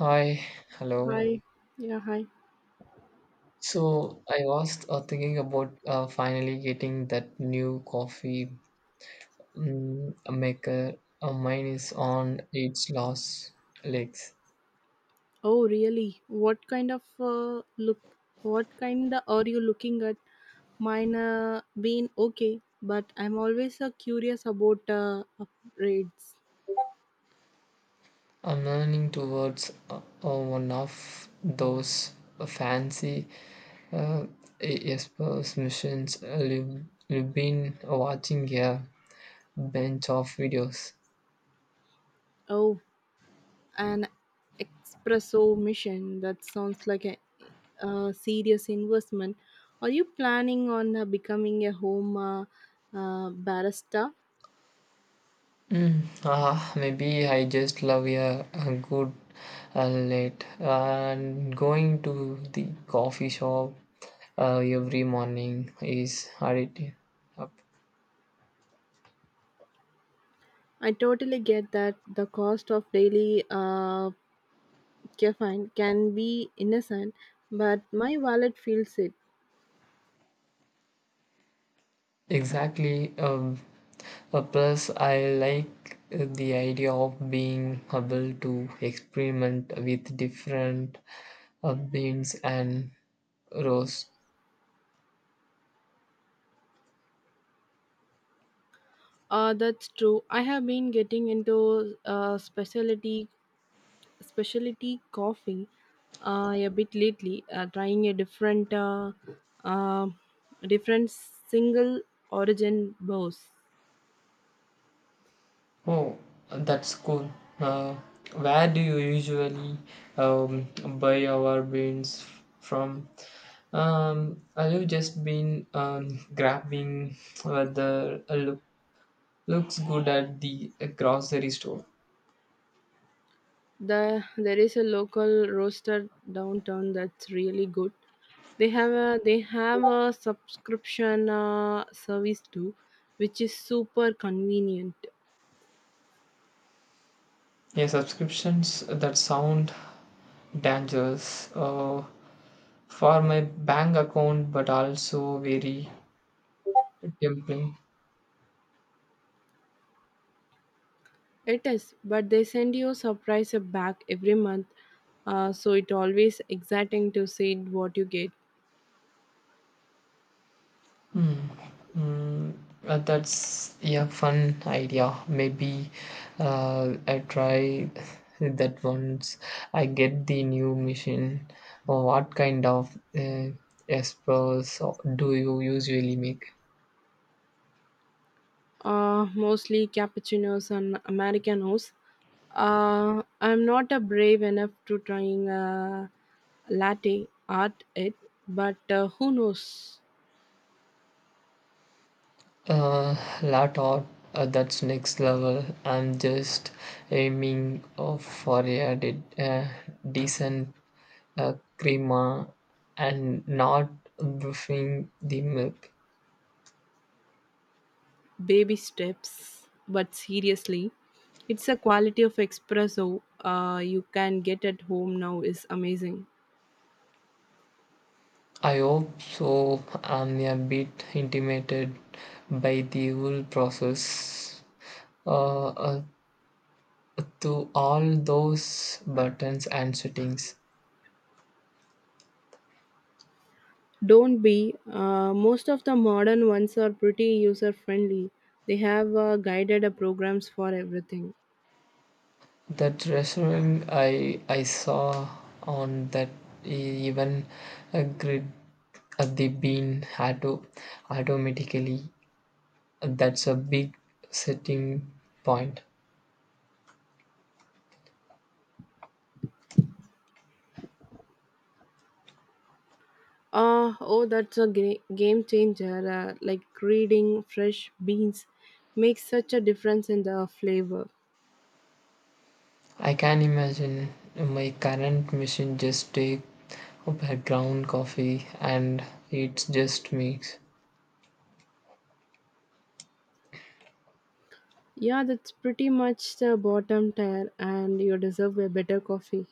Hi, hello. Hi. Yeah, hi. So I was thinking about finally getting that new coffee maker. Mine is on its last legs. Oh, really? What kind of look? What kind are you looking at? Mine been okay, but I'm always curious about upgrades. I'm leaning towards one of those fancy uh, espresso machines. I've been watching a bunch of videos. Oh, an espresso mission. That sounds like a serious investment. Are you planning on becoming a home barista? Maybe I just love a good late and going to the coffee shop every morning is addictive. Up. I totally get that the cost of daily okay, fine, can be innocent, but my wallet feels it. Exactly. Plus, I like the idea of being able to experiment with different beans and roast. That's true. I have been getting into specialty coffee a bit lately. Trying a different uh, different single origin bows. Oh, that's cool. Uh, where do you usually um, buy your beans from? I've just been grabbing whether a looks good at the grocery store. There is a local roaster downtown that's really good. They have a subscription service too, which is super convenient. Yeah, subscriptions that sound dangerous for my bank account, but also very tempting. It is, but they send you a surprise back every month, so it always exciting to see what you get. Hmm. Mm, that's a fun idea. Maybe I try that once I get the new machine. Oh, what kind of espresso do you usually make? Mostly cappuccinos and americanos. I'm not a brave enough to trying a latte art it, but who knows? Uh, Latte art, that's next level. I'm just aiming of for a decent crema and not buffing the milk. Baby steps. But seriously, it's a quality of espresso you can get at home now is amazing. I hope so. I'm a bit intimidated by the whole process. Uh, uh, to all those buttons and settings. Don't be. Most of the modern ones are pretty user friendly. They have guided programs for everything. That restaurant I saw on that even a grid at the bean automatically. That's a big setting point. Oh, that's a game changer. Like reading fresh beans makes such a difference in the flavor. I can imagine my current machine just take background coffee and it's just mix. Yeah, that's pretty much the bottom tier, and you deserve a better coffee.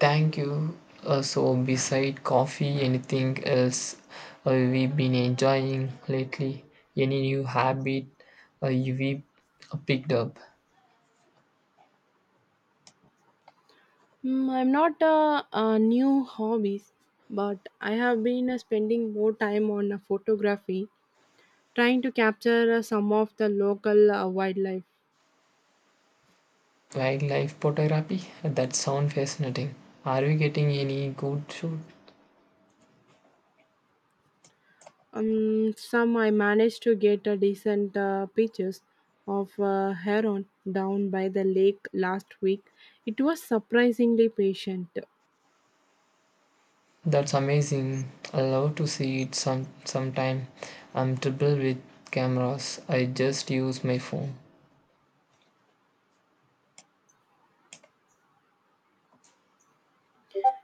Thank you. So beside coffee, anything else we've been enjoying lately? Any new habit you've picked up? Mm, I'm not new hobbies, but I have been spending more time on photography trying to capture some of the local wildlife. Wildlife photography? That sounds fascinating. Are we getting any good shoot? Some I managed to get a decent pictures of heron down by the lake last week. It was surprisingly patient. That's amazing. I love to see it sometime. I'm terrible with cameras. I just use my phone.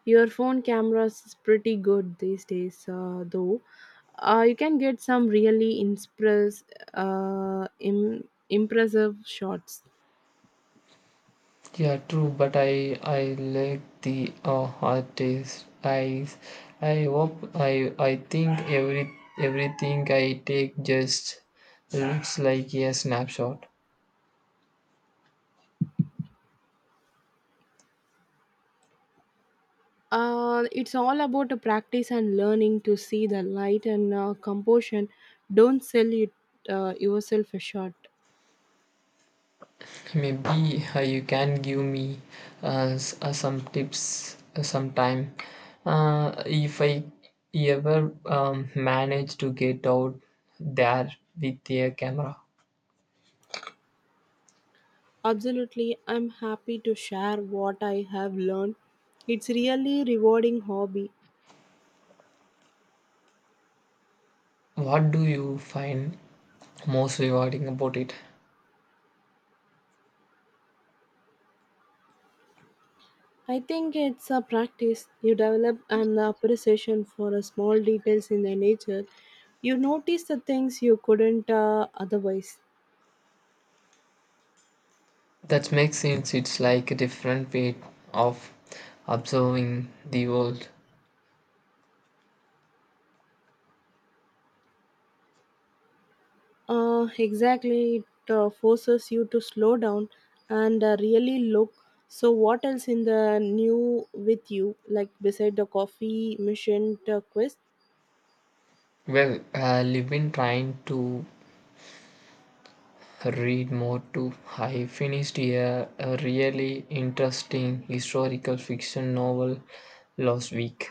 Your phone cameras is pretty good these days, though. You can get some really impressive shots. Yeah, true, but I like the artist. I think everything I take just looks like a snapshot. It's all about a practice and learning to see the light and composition. Don't sell it yourself a shot. Maybe you can give me some tips sometime. If I ever manage to get out there with a camera, Absolutely, I'm happy to share what I have learned. It's really rewarding hobby. what do you find most rewarding about it? I think it's a practice. You develop an appreciation for a small details in the nature. You notice the things you couldn't otherwise. That makes sense. It's like a different way of observing the world. Exactly, it forces you to slow down and really look. So, what else in the new with you, like beside the coffee mission quest? Well, I've been trying to read more too. I finished a really interesting historical fiction novel last week.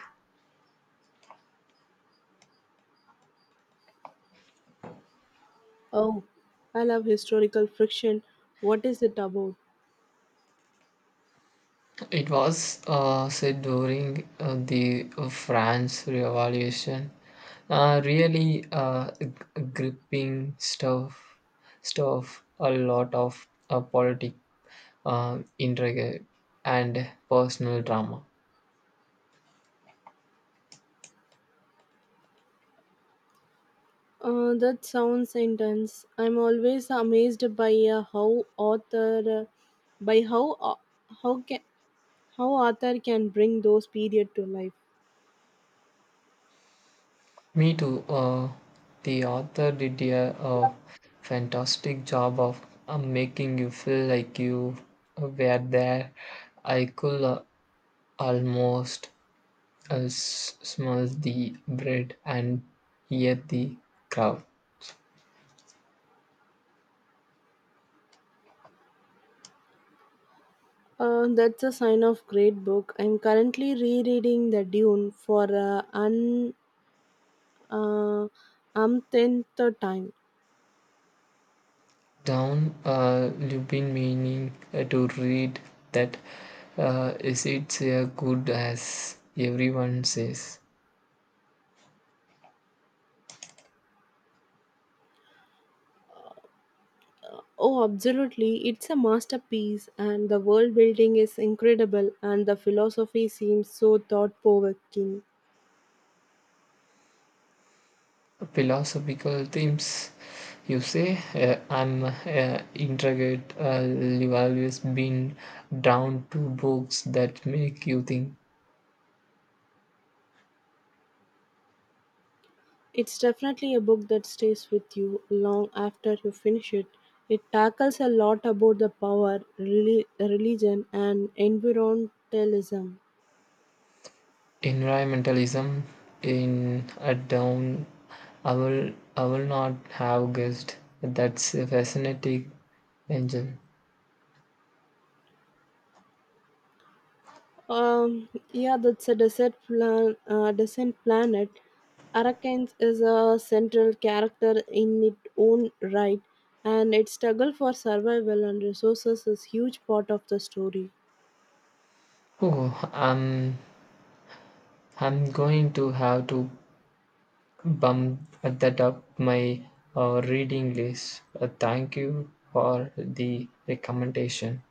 Oh, I love historical friction. What is it about? It was set during the French Revolution. Really gripping stuff, a lot of politic intrigue and personal drama. That sounds intense. I'm always amazed by how author, by how can how author can bring those period to life. Me too. The author did fantastic job of making you feel like you were there. I could almost smell the bread and hear the crowd. That's a sign of great book. I'm currently rereading The Dune for an uh, umpteenth time. Down, you've been meaning to read that. Is it good as everyone says? Oh, absolutely. It's a masterpiece, and the world building is incredible, and the philosophy seems so thought provoking. Philosophical themes you say, I'm intrigued. You've always been down to books that make you think. It's definitely a book that stays with you long after you finish it. It tackles a lot about the power, religion, and environmentalism. Environmentalism in a down, I will not have guessed. That's a fascinating engine. Yeah, that's a desert plan, descent planet. Arakans is a central character in its own right, and its struggle for survival and resources is huge part of the story. Oh, i'm I'm going to have to bump that up my reading list. Thank you for the recommendation.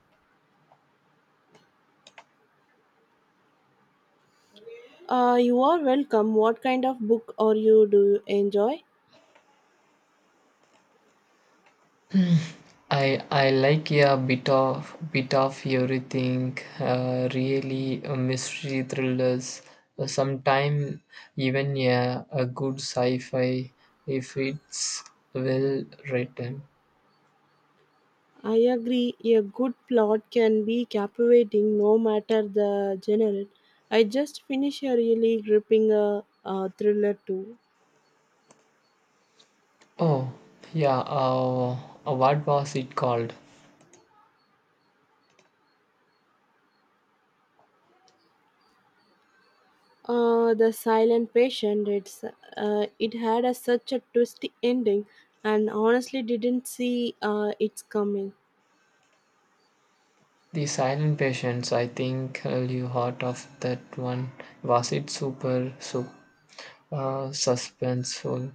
You are welcome. What kind of book are you do you enjoy? I like a bit of everything. Really, mystery thrillers. Sometime even yeah, a good sci-fi if it's well written. I agree. A good plot can be captivating, no matter the genre. I just finished a really gripping thriller too. Oh yeah. What was it called? The silent patient. It had such a twisty ending, and honestly didn't see it's coming. The Silent Patients. I think you heard of that one. Was it super suspenseful?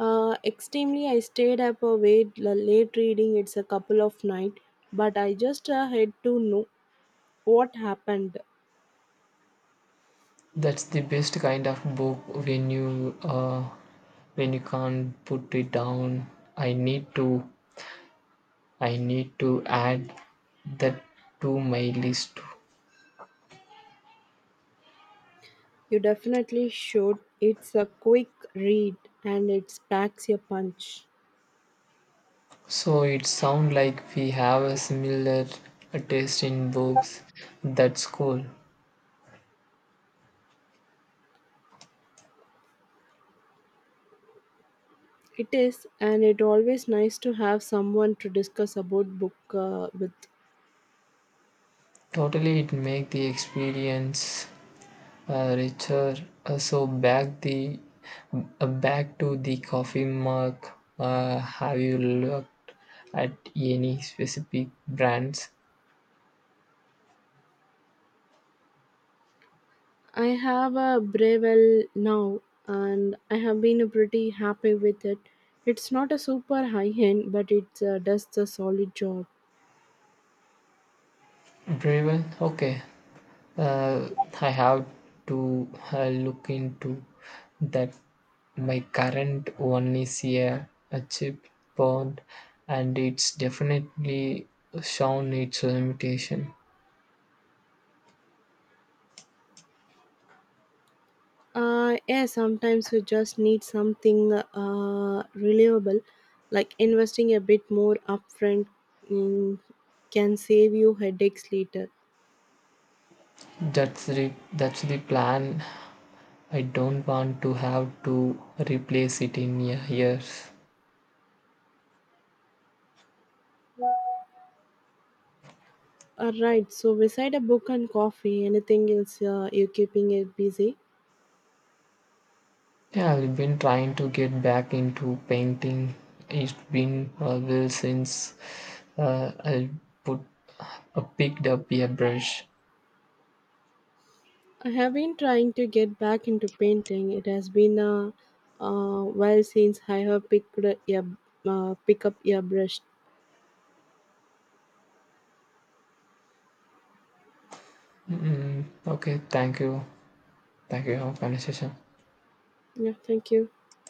Extremely, I stayed up late reading. It's a couple of night, but I just had to know what happened. That's the best kind of book when you uh, when you can't put it down. I need to I need to add that to my list. You definitely should. It's a quick read, and it packs your punch. So it sounds like we have a similar taste in books. That's cool. It is, and it always nice to have someone to discuss about book with. Totally, it makes the experience richer. So back the back to the coffee mug. Have you looked at any specific brands? I have a Breville now and I have been pretty happy with it. It's not a super high end, but it does the solid job. Driven. Okay. Uh, I have to look into that. My current one is a cheap bond, and it's definitely shown its limitation. Yeah, sometimes you just need something reliable, like investing a bit more upfront mm, can save you headaches later. That's the plan. I don't want to have to replace it in years. Alright, so beside a book and coffee, anything else you keeping it busy? Yeah, I've been trying to get back into painting. It's been a while since I put picked up a brush. I have been trying to get back into painting. It has been a while since I have picked a, pick up a brush. Mm, okay, thank you. Thank you. Have a conversation. Yeah, thank you.